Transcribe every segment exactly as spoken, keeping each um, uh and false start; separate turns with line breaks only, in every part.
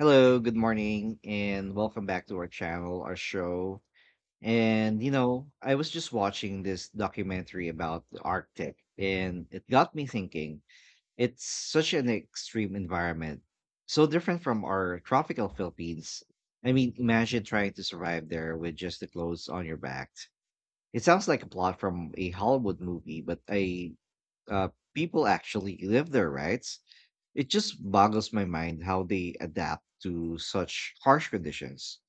Hello, good morning, and welcome back to our channel, our show. And you know, I was just watching this documentary about the Arctic, and it got me thinking. It's such an extreme environment, so different from our tropical Philippines. I mean, imagine trying to survive there with just the clothes on your back. It sounds like a plot from a Hollywood movie, but I uh, people actually live there, right? It just boggles my mind how they adapt to such harsh conditions.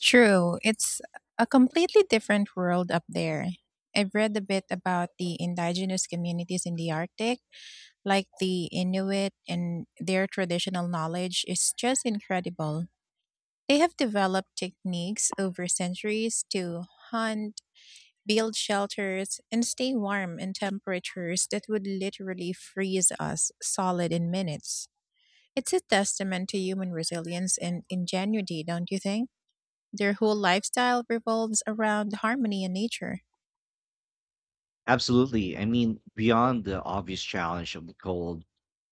True. It's a completely different world up there. I've read a bit about the indigenous communities in the Arctic, like the Inuit, and their traditional knowledge is just incredible. They have developed techniques over centuries to hunt, build shelters, and stay warm in temperatures that would literally freeze us solid in minutes. It's a testament to human resilience and ingenuity, don't you think? Their whole lifestyle revolves around harmony and nature.
Absolutely. I mean, beyond the obvious challenge of the cold,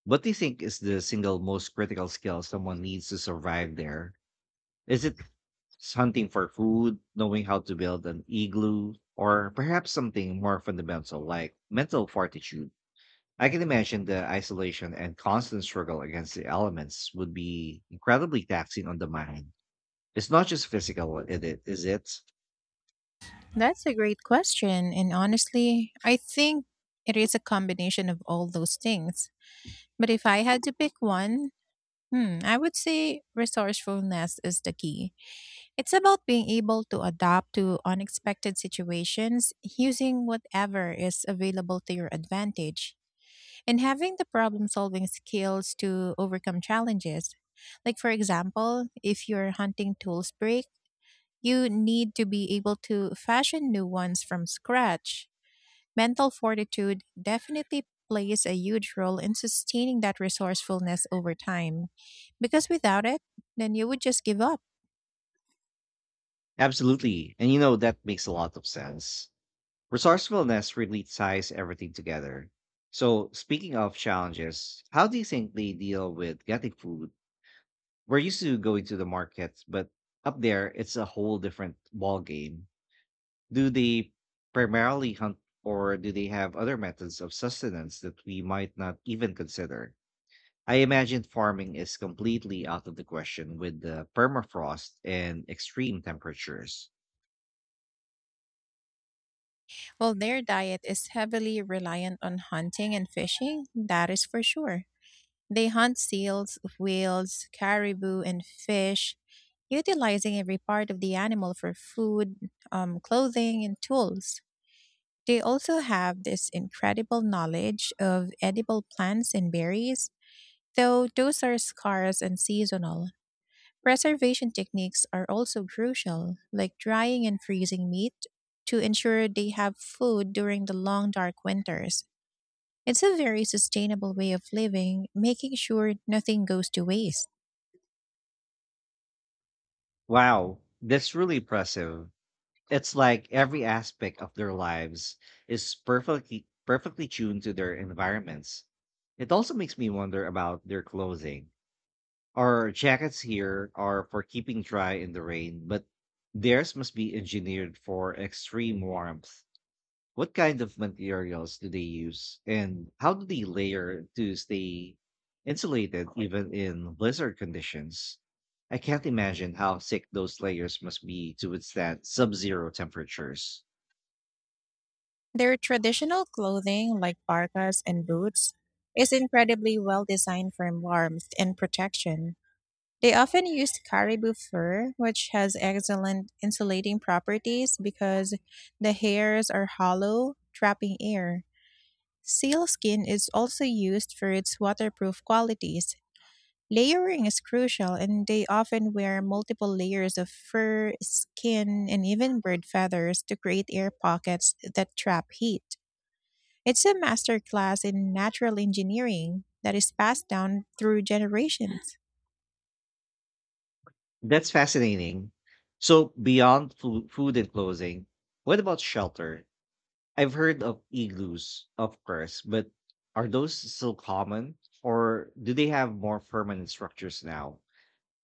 what do you think is the single most critical skill someone needs to survive there? Is it hunting for food, knowing how to build an igloo, or perhaps something more fundamental like mental fortitude? I can imagine the isolation and constant struggle against the elements would be incredibly taxing on the mind. It's not just physical, it, it- is it?
That's a great question. And honestly, I think it is a combination of all those things. But if I had to pick one, hmm, I would say resourcefulness is the key. It's about being able to adapt to unexpected situations using whatever is available to your advantage, and having the problem solving skills to overcome challenges. Like, for example, if your hunting tools break, you need to be able to fashion new ones from scratch. Mental fortitude definitely plays a huge role in sustaining that resourcefulness over time. Because without it, then you would just give up.
Absolutely. And you know, that makes a lot of sense. Resourcefulness really ties everything together. So, speaking of challenges, how do you think they deal with getting food? We're used to going to the markets, but up there, it's a whole different ball game. Do they primarily hunt, or do they have other methods of sustenance that we might not even consider? I imagine farming is completely out of the question with the permafrost and extreme temperatures.
Well, their diet is heavily reliant on hunting and fishing, that is for sure. They hunt seals, whales, caribou, and fish, utilizing every part of the animal for food, um, clothing, and tools. They also have this incredible knowledge of edible plants and berries, though those are scarce and seasonal. Preservation techniques are also crucial, like drying and freezing meat, to ensure they have food during the long dark winters. It's a very sustainable way of living, making sure nothing goes to waste.
Wow, that's really impressive. It's like every aspect of their lives is perfectly perfectly tuned to their environments. It also makes me wonder about their clothing. Our jackets here are for keeping dry in the rain, but theirs must be engineered for extreme warmth. What kind of materials do they use, and how do they layer to stay insulated even in blizzard conditions? I can't imagine how thick those layers must be to withstand sub-zero temperatures.
Their traditional clothing, like parkas and boots, is incredibly well designed for warmth and protection. They often use caribou fur, which has excellent insulating properties because the hairs are hollow, trapping air. Sealskin is also used for its waterproof qualities. Layering is crucial, and they often wear multiple layers of fur, skin, and even bird feathers to create air pockets that trap heat. It's a masterclass in natural engineering that is passed down through generations.
That's fascinating. So, beyond food, food and clothing, what about shelter? I've heard of igloos, of course, but are those still common, or do they have more permanent structures now?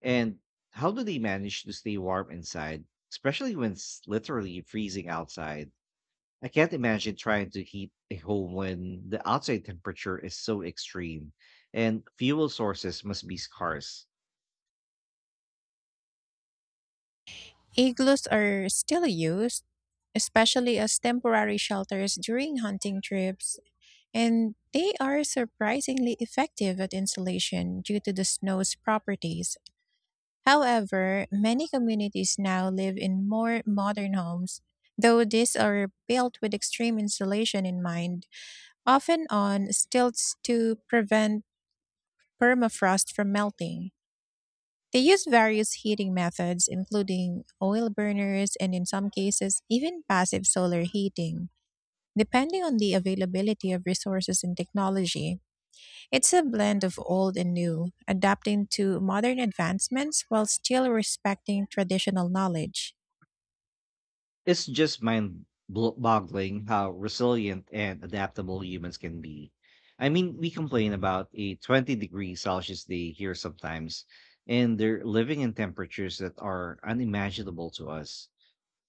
And how do they manage to stay warm inside, especially when it's literally freezing outside? I can't imagine trying to heat a home when the outside temperature is so extreme, and fuel sources must be scarce.
Igloos are still used, especially as temporary shelters during hunting trips. And they are surprisingly effective at insulation due to the snow's properties. However, many communities now live in more modern homes, though these are built with extreme insulation in mind, often on stilts to prevent permafrost from melting. They use various heating methods, including oil burners and, in some cases, even passive solar heating, depending on the availability of resources and technology. It's a blend of old and new, adapting to modern advancements while still respecting traditional knowledge.
It's just mind blo- boggling how resilient and adaptable humans can be. I mean, we complain about a twenty degree Celsius day here sometimes, and they're living in temperatures that are unimaginable to us.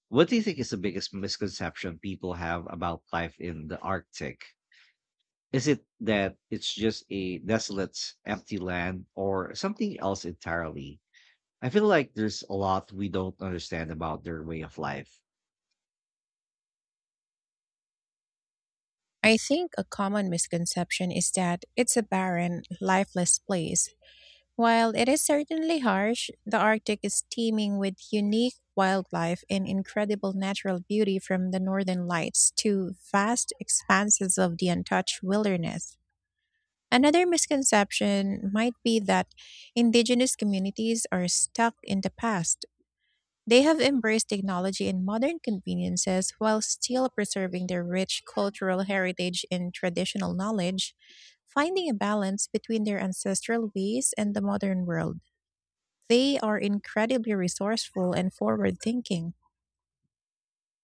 What do you think is the biggest misconception people have about life in the Arctic? Is it that it's just a desolate, empty land, or something else entirely? I feel like there's a lot we don't understand about their way of life.
I think a common misconception is that it's a barren, lifeless place. While it is certainly harsh, the Arctic is teeming with unique wildlife and incredible natural beauty, from the northern lights to vast expanses of the untouched wilderness. Another misconception might be that indigenous communities are stuck in the past. They have embraced technology and modern conveniences while still preserving their rich cultural heritage and traditional knowledge, finding a balance between their ancestral ways and the modern world. They are incredibly resourceful and forward thinking.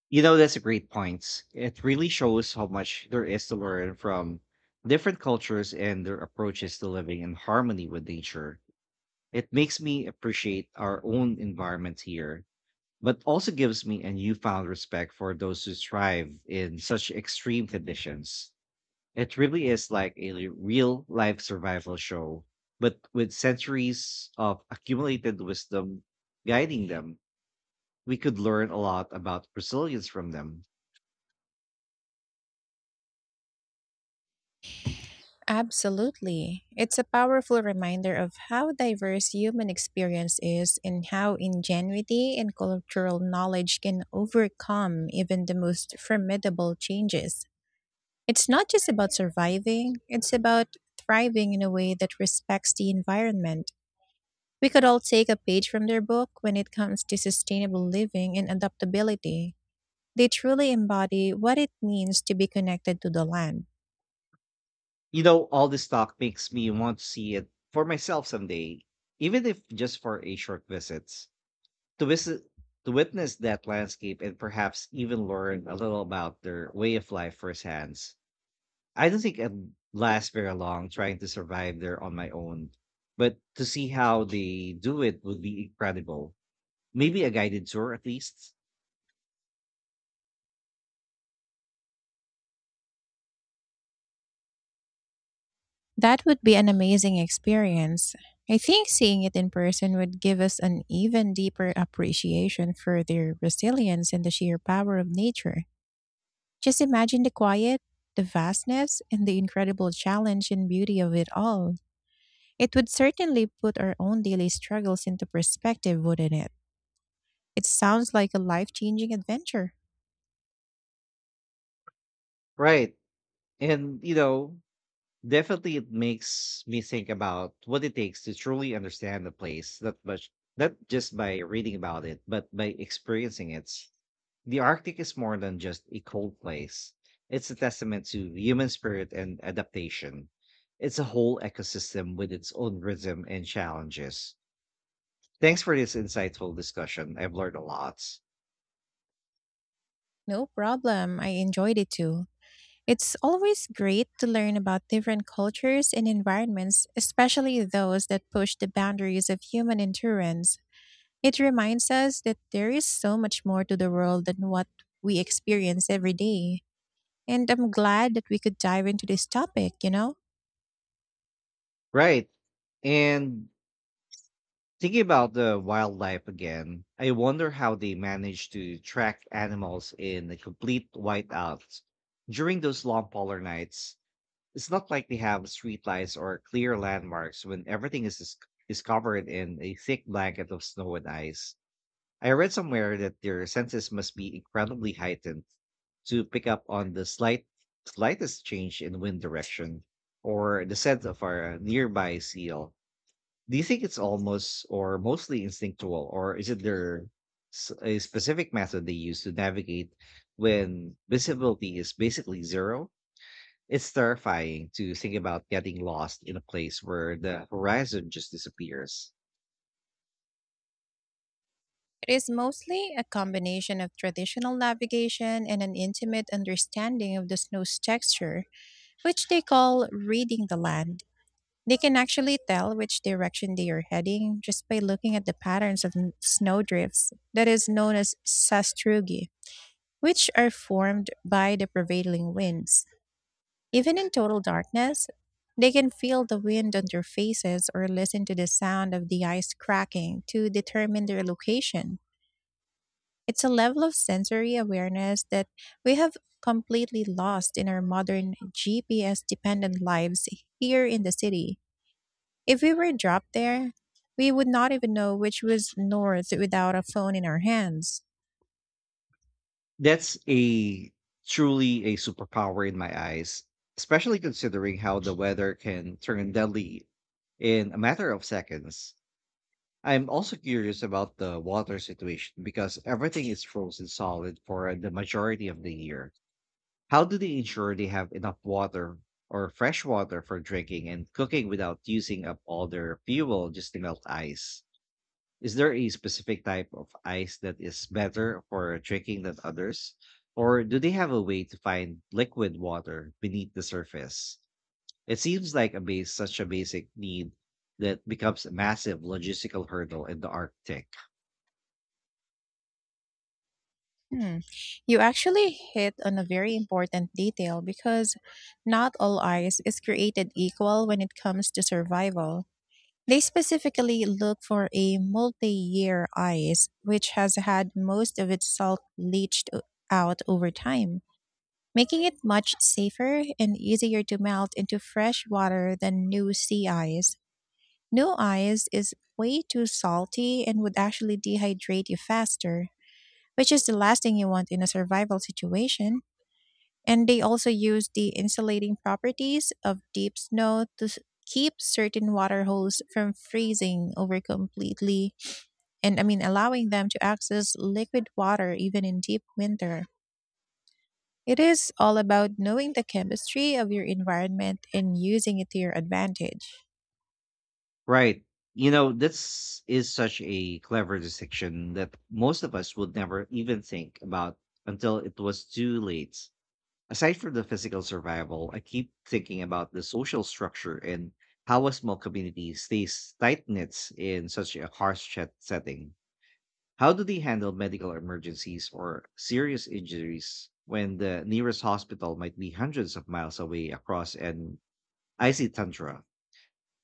You know, that's a great point. It really shows how much there is to learn from different cultures and their approaches to living in harmony with nature. It makes me appreciate our own environment here, but also gives me a newfound respect for those who thrive in such extreme conditions. It really is like a real life survival show, but with centuries of accumulated wisdom guiding them, we could learn a lot about resilience from them.
Absolutely. It's a powerful reminder of how diverse human experience is, and how ingenuity and cultural knowledge can overcome even the most formidable changes. It's not just about surviving, it's about thriving in a way that respects the environment. We could all take a page from their book when it comes to sustainable living and adaptability. They truly embody what it means to be connected to the land.
You know, all this talk makes me want to see it for myself someday, even if just for a short visit. To visit to witness that landscape and perhaps even learn a little about their way of life firsthand. I don't think I'd last very long trying to survive there on my own, but to see how they do it would be incredible. Maybe a guided tour at least.
That would be an amazing experience. I think seeing it in person would give us an even deeper appreciation for their resilience and the sheer power of nature. Just imagine the quiet, the vastness, and the incredible challenge and beauty of it all. It would certainly put our own daily struggles into perspective, wouldn't it? It sounds like a life changing adventure.
Right. And, you know, definitely it makes me think about what it takes to truly understand the place, not much, not just by reading about it, but by experiencing it. The Arctic is more than just a cold place. It's a testament to human spirit and adaptation. It's a whole ecosystem with its own rhythm and challenges. Thanks for this insightful discussion. I've learned a lot.
No problem. I enjoyed it too. It's always great to learn about different cultures and environments, especially those that push the boundaries of human endurance. It reminds us that there is so much more to the world than what we experience every day. And I'm glad that we could dive into this topic, you know?
Right. And thinking about the wildlife again, I wonder how they manage to track animals in a complete whiteout during those long polar nights. It's not like they have streetlights or clear landmarks when everything is dis- is covered in a thick blanket of snow and ice. I read somewhere that their senses must be incredibly heightened to pick up on the slight slightest change in wind direction or the scent of a nearby seal. Do you think it's almost or mostly instinctual, or is it their s- a specific method they use to navigate when visibility is basically zero? It's terrifying to think about getting lost in a place where the horizon just disappears.
It is mostly a combination of traditional navigation and an intimate understanding of the snow's texture, which they call reading the land. They can actually tell which direction they are heading just by looking at the patterns of n- snowdrifts, that is known as sastrugi, which are formed by the prevailing winds. Even in total darkness, they can feel the wind on their faces or listen to the sound of the ice cracking to determine their location. It's a level of sensory awareness that we have completely lost in our modern G P S dependent lives here in the city. If we were dropped there, we would not even know which was north without a phone in our hands.
That's a Truly a superpower in my eyes, especially considering how the weather can turn deadly in a matter of seconds. I'm also curious about the water situation, because everything is frozen solid for the majority of the year. How do they ensure they have enough water or fresh water for drinking and cooking without using up all their fuel just to melt ice? Is there a specific type of ice that is better for drinking than others? Or do they have a way to find liquid water beneath the surface? It seems like a base such a basic need that becomes a massive logistical hurdle in the Arctic.
Hmm. You actually hit on a very important detail, because not all ice is created equal when it comes to survival. They specifically look for a multi-year ice, which has had most of its salt leached o- out over time, making it much safer and easier to melt into fresh water than new sea ice. New ice is way too salty and would actually dehydrate you faster, which is the last thing you want in a survival situation. And they also use the insulating properties of deep snow to s- keep certain water holes from freezing over completely, and I mean allowing them to access liquid water even in deep winter. It is all about knowing the chemistry of your environment and using it to your advantage.
Right. You know, this is such a clever distinction that most of us would never even think about until it was too late. Aside from the physical survival, I keep thinking about the social structure and how a small community stays tight knit in such a harsh chat setting. How do they handle medical emergencies or serious injuries when the nearest hospital might be hundreds of miles away across an icy tundra?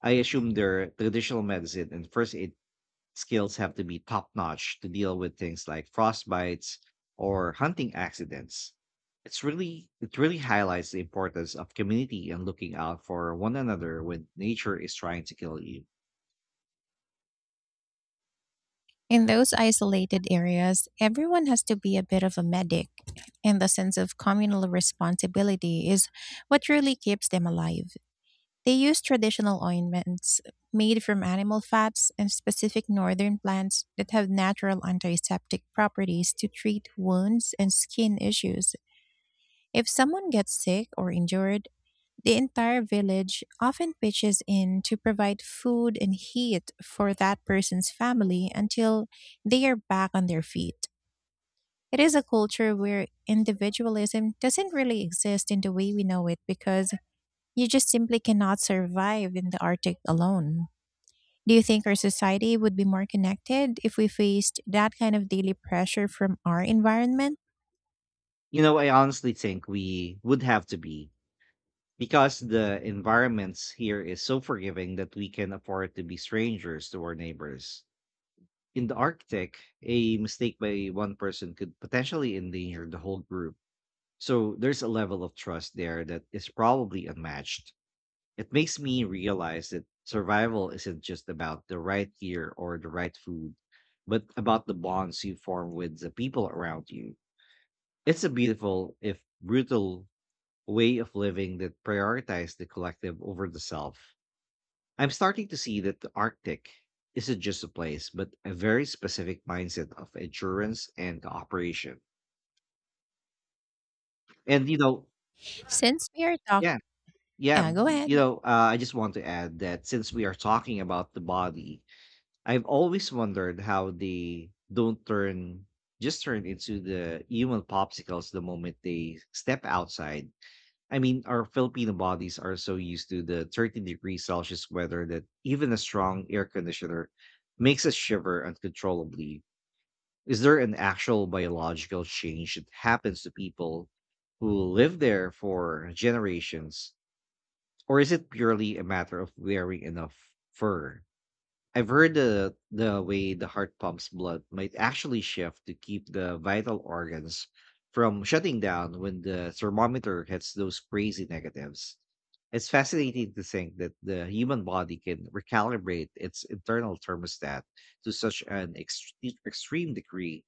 I assume their traditional medicine and first aid skills have to be top notch to deal with things like frostbites or hunting accidents. It's really it really highlights the importance of community and looking out for one another when nature is trying to kill you.
In those isolated areas, everyone has to be a bit of a medic, and the sense of communal responsibility is what really keeps them alive. They use traditional ointments made from animal fats and specific northern plants that have natural antiseptic properties to treat wounds and skin issues. If someone gets sick or injured, the entire village often pitches in to provide food and heat for that person's family until they are back on their feet. It is a culture where individualism doesn't really exist in the way we know it, because you just simply cannot survive in the Arctic alone. Do you think our society would be more connected if we faced that kind of daily pressure from our environment?
You know, I honestly think we would have to be, because the environments here is so forgiving that we can afford to be strangers to our neighbors. In the Arctic, a mistake by one person could potentially endanger the whole group. So there's a level of trust there that is probably unmatched. It makes me realize that survival isn't just about the right gear or the right food, but about the bonds you form with the people around you. It's a beautiful, if brutal, way of living that prioritizes the collective over the self. I'm starting to see that the Arctic isn't just a place, but a very specific mindset of endurance and cooperation. And, you know,
Since we are talking,
yeah. Yeah,
yeah,
y-
go ahead.
you know, uh, I just want to add that since we are talking about the body, I've always wondered how they don't turn just turn into the human popsicles the moment they step outside. I mean, our Filipino bodies are so used to the thirty degrees Celsius weather that even a strong air conditioner makes us shiver uncontrollably. Is there an actual biological change that happens to people who live there for generations, or is it purely a matter of wearing enough fur? I've heard the the way the heart pumps blood might actually shift to keep the vital organs from shutting down when the thermometer hits those crazy negatives. It's fascinating to think that the human body can recalibrate its internal thermostat to such an extre- extreme degree.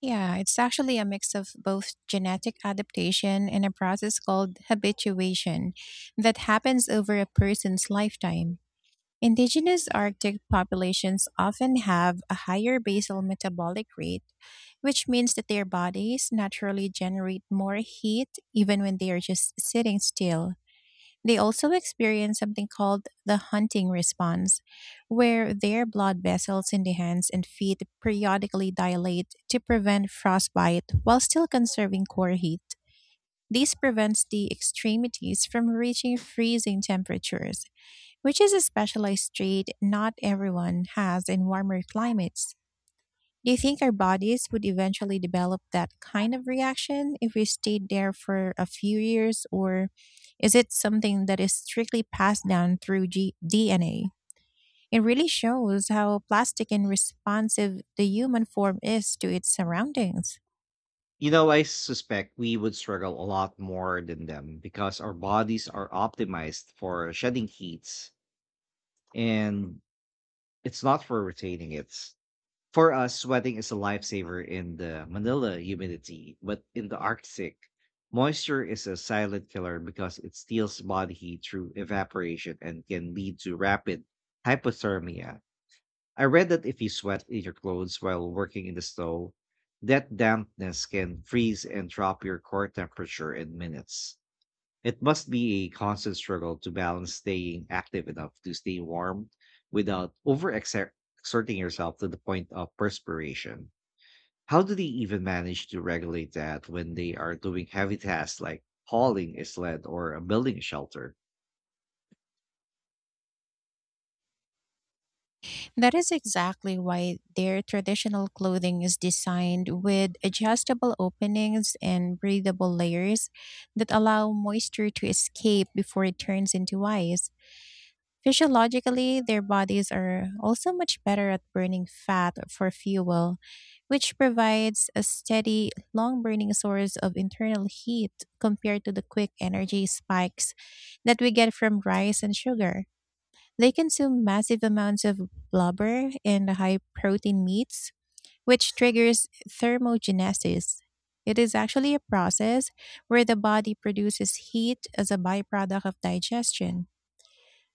Yeah, it's actually a mix of both genetic adaptation and a process called habituation that happens over a person's lifetime. Indigenous Arctic populations often have a higher basal metabolic rate, which means that their bodies naturally generate more heat even when they are just sitting still. They also experience something called the hunting response, where their blood vessels in the hands and feet periodically dilate to prevent frostbite while still conserving core heat. This prevents the extremities from reaching freezing temperatures, which is a specialized trait not everyone has in warmer climates. Do you think our bodies would eventually develop that kind of reaction if we stayed there for a few years, or is it something that is strictly passed down through G- D N A? It really shows how plastic and responsive the human form is to its surroundings.
You know, I suspect we would struggle a lot more than them because our bodies are optimized for shedding heat. And it's not for retaining. It's, for us, sweating is a lifesaver in the Manila humidity, but in the Arctic, moisture is a silent killer, because it steals body heat through evaporation and can lead to rapid hypothermia. I read that if you sweat in your clothes while working in the snow, that dampness can freeze and drop your core temperature in minutes. It must be a constant struggle to balance staying active enough to stay warm without over exerting yourself to the point of perspiration. How do they even manage to regulate that when they are doing heavy tasks like hauling a sled or uh, building a shelter?
That is exactly why their traditional clothing is designed with adjustable openings and breathable layers that allow moisture to escape before it turns into ice. Physiologically, their bodies are also much better at burning fat for fuel, which provides a steady, long burning source of internal heat compared to the quick energy spikes that we get from rice and sugar. They consume massive amounts of blubber and high protein meats, which triggers thermogenesis. It is actually a process where the body produces heat as a byproduct of digestion.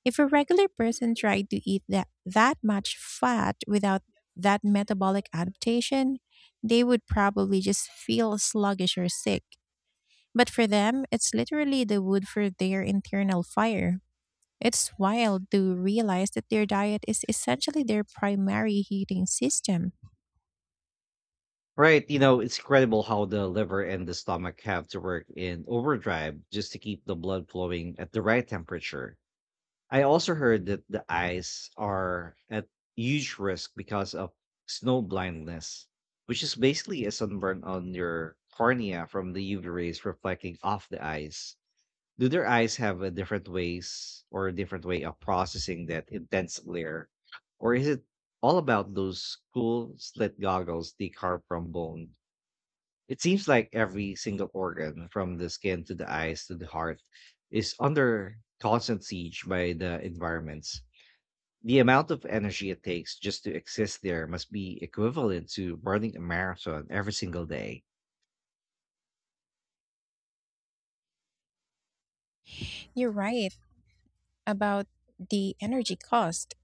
If a regular person tried to eat that, that much fat without that metabolic adaptation, they would probably just feel sluggish or sick. But for them, it's literally the wood for their internal fire. It's wild to realize that their diet is essentially their primary heating system.
Right, you know, it's incredible how the liver and the stomach have to work in overdrive just to keep the blood flowing at the right temperature. I also heard that the eyes are at huge risk because of snow blindness, which is basically a sunburn on your cornea from the U V rays reflecting off the eyes. Do their eyes have a different ways or a different way of processing that intense glare? Or is it all about those cool slit goggles they carve from bone? It seems like every single organ, from the skin to the eyes to the heart, is under constant siege by the environments. The amount of energy it takes just to exist there must be equivalent to running a marathon every single day.
You're right about the energy cost.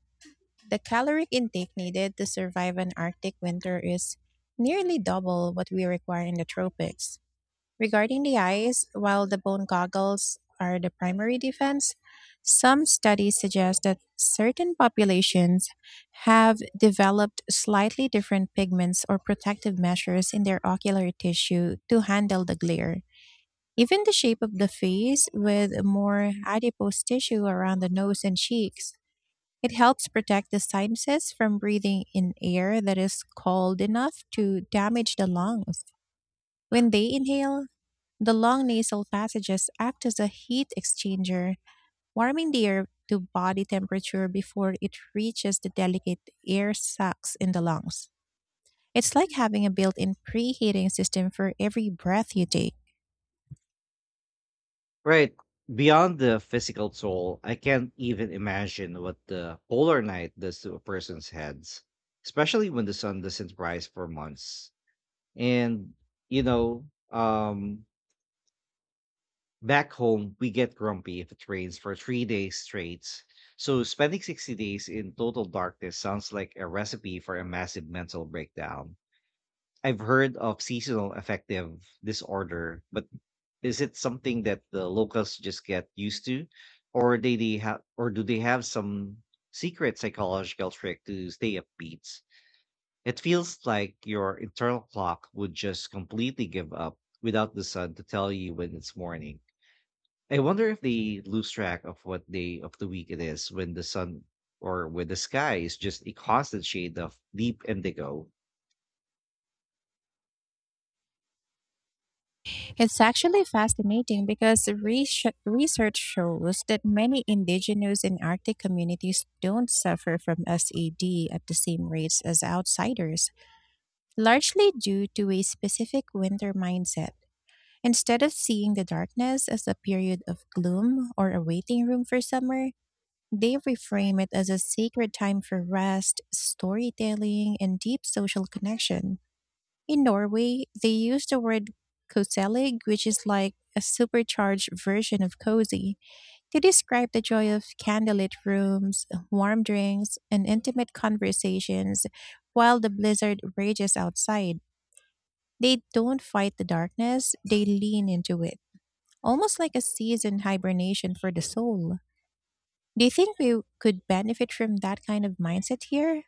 The caloric intake needed to survive an Arctic winter is nearly double what we require in the tropics. Regarding the eyes, while the bone goggles are the primary defense, some studies suggest that certain populations have developed slightly different pigments or protective measures in their ocular tissue to handle the glare. Even the shape of the face, with more adipose tissue around the nose and cheeks, it helps protect the sinuses from breathing in air that is cold enough to damage the lungs. When they inhale, the long nasal passages act as a heat exchanger, warming the air to body temperature before it reaches the delicate air sacs in the lungs. It's like having a built in preheating system for every breath you take.
Right. Beyond the physical toll, I can't even imagine what the polar night does to a person's heads, especially when the sun doesn't rise for months. And, you know, um, Back home, we get grumpy if it rains for three days straight. So, spending sixty days in total darkness sounds like a recipe for a massive mental breakdown. I've heard of seasonal affective disorder, but is it something that the locals just get used to, or they, they have, or do they have some secret psychological trick to stay upbeat? It feels like your internal clock would just completely give up without the sun to tell you when it's morning. I wonder if they lose track of what day of the week it is when the sun or when the sky is just a constant shade of deep indigo.
It's actually fascinating, because resh- research shows that many indigenous and Arctic communities don't suffer from SAD at the same rates as outsiders, largely due to a specific winter mindset. Instead of seeing the darkness as a period of gloom or a waiting room for summer, they reframe it as a sacred time for rest, storytelling, and deep social connection. In Norway, they use the word koselig, which is like a supercharged version of cozy, to describe the joy of candlelit rooms, warm drinks, and intimate conversations while the blizzard rages outside. They don't fight the darkness, they lean into it almost like a seasoned hibernation for the soul. Do you think we could benefit from that kind of mindset here?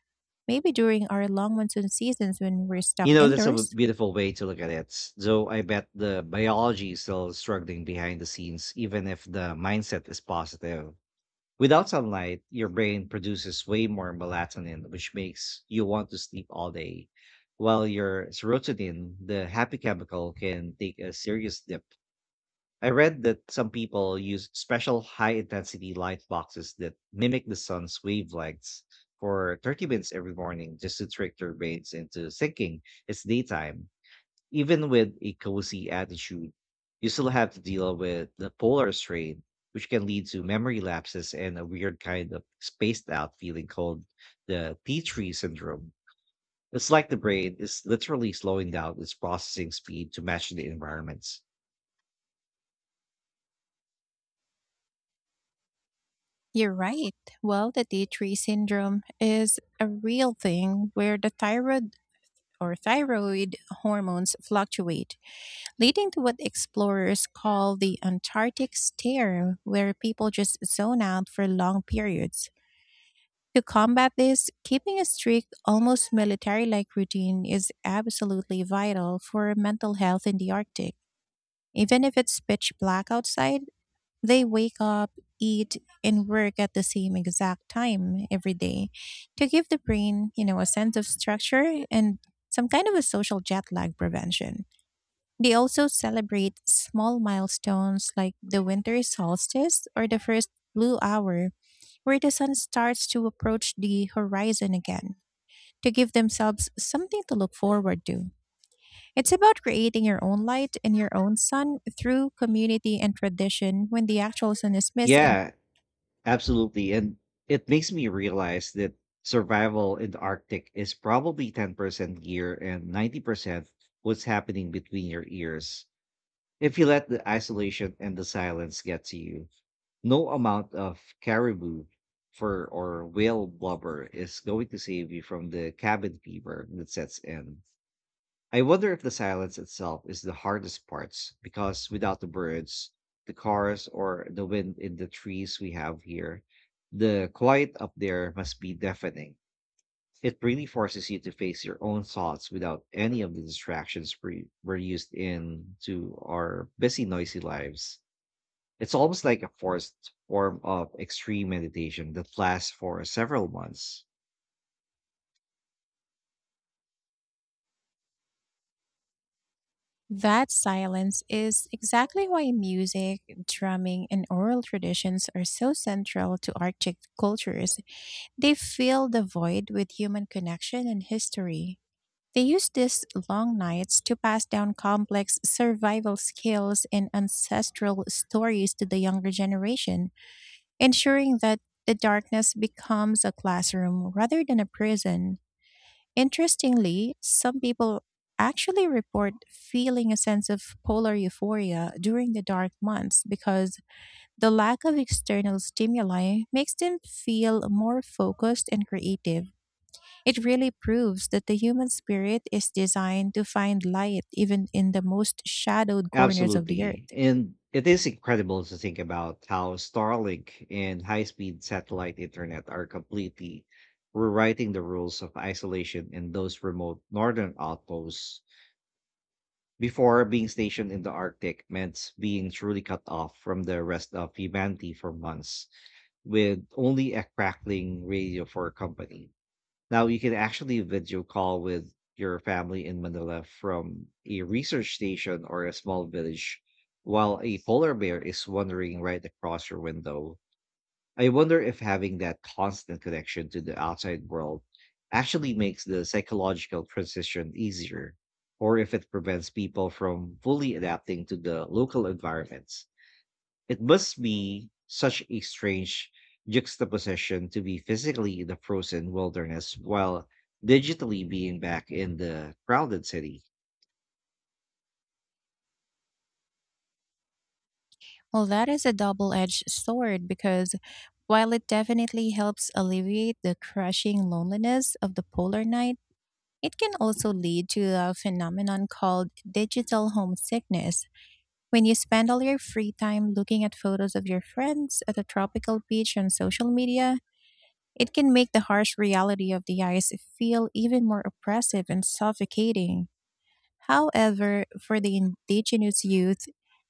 Maybe during our long monsoon seasons when we're stuck
You know, that's a
indoors?
beautiful way to look at it. Though I bet the biology is still struggling behind the scenes, even if the mindset is positive. Without sunlight, your brain produces way more melatonin, which makes you want to sleep all day, while your serotonin, the happy chemical, can take a serious dip. I read that some people use special high intensity light boxes that mimic the sun's wavelengths for thirty minutes every morning just to trick their brains into thinking it's daytime. Even with a cozy attitude, you still have to deal with the polar strain, which can lead to memory lapses and a weird kind of spaced out feeling called the tea tree syndrome. It's like the brain is literally slowing down its processing speed to match the environments.
You're right. Well, the day tree syndrome is a real thing, where the thyroid or thyroid hormones fluctuate, leading to what explorers call the Antarctic stare, where people just zone out for long periods. To combat this, keeping a strict, almost military like routine is absolutely vital for mental health in the Arctic. Even if it's pitch black outside, they wake up, eat, and work at the same exact time every day to give the brain, you know, a sense of structure and some kind of a social jet lag prevention. They also celebrate small milestones like the winter solstice or the first blue hour, where the sun starts to approach the horizon again, to give themselves something to look forward to. It's about creating your own light and your own sun through community and tradition when the actual sun is missing.
Yeah, absolutely. And it makes me realize that survival in the Arctic is probably ten percent gear and ninety percent what's happening between your ears. If you let the isolation and the silence get to you, no amount of caribou fur or whale blubber is going to save you from the cabin fever that sets in. I wonder if the silence itself is the hardest parts, because without the birds, the cars, or the wind in the trees we have here, the quiet up there must be deafening. It really forces you to face your own thoughts without any of the distractions we- we're used in to our busy, noisy lives. It's almost like a forced form of extreme meditation that lasts for several months.
That silence is exactly why music, drumming, and oral traditions are so central to Arctic cultures. They fill the void with human connection and history. They use these long nights to pass down complex survival skills and ancestral stories to the younger generation, ensuring that the darkness becomes a classroom rather than a prison. Interestingly, some people actually report feeling a sense of polar euphoria during the dark months, because the lack of external stimuli makes them feel more focused and creative. It really proves that the human spirit is designed to find light even in the most shadowed corners of the
Absolutely.
earth.
And it is incredible to think about how Starlink and high speed satellite internet are completely rewriting the rules of isolation in those remote northern outposts. Before, being stationed in the Arctic meant being truly cut off from the rest of humanity for months, with only a crackling radio for company. Now you can actually video call with your family in Manila from a research station or a small village, while a polar bear is wandering right across your window. I wonder if having that constant connection to the outside world actually makes the psychological transition easier, or if it prevents people from fully adapting to the local environments. It must be such a strange juxtaposition to be physically in the frozen wilderness while digitally being back in the crowded city.
Well, that is a double edged sword, because while it definitely helps alleviate the crushing loneliness of the polar night, it can also lead to a phenomenon called digital homesickness. When you spend all your free time looking at photos of your friends at a tropical beach on social media, it can make the harsh reality of the ice feel even more oppressive and suffocating. However, for the indigenous youth,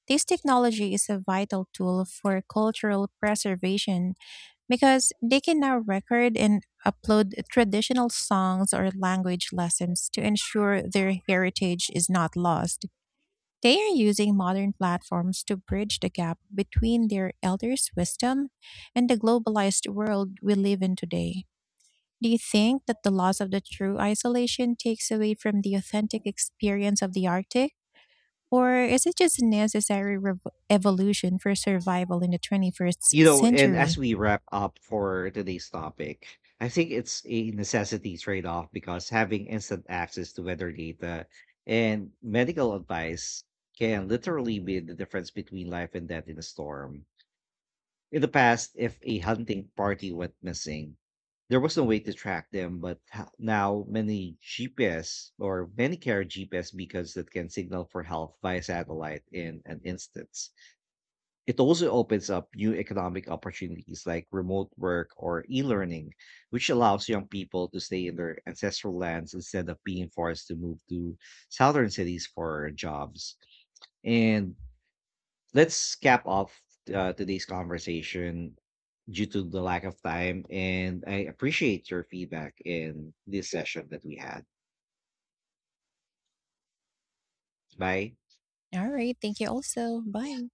this technology is a vital tool for cultural preservation, because they can now record and upload traditional songs or language lessons to ensure their heritage is not lost. They are using modern platforms to bridge the gap between their elders' wisdom and the globalized world we live in today. Do you think that the loss of the true isolation takes away from the authentic experience of the Arctic? Or is it just a necessary rev- evolution for survival in the twenty-first
You know, and as
century?
we wrap up for today's topic, I think it's a necessity trade off, because having instant access to weather data and medical advice can literally be the difference between life and death in a storm. In the past, if a hunting party went missing, there was no way to track them, but ho- now many G P S or many carry G P S beacons that can signal for help via satellite in an instance. It also opens up new economic opportunities like remote work or e learning, which allows young people to stay in their ancestral lands instead of being forced to move to southern cities for jobs. And let's cap off uh, today's conversation due to the lack of time. And I appreciate your feedback in this session that we had. Bye.
All right. Thank you also. Bye.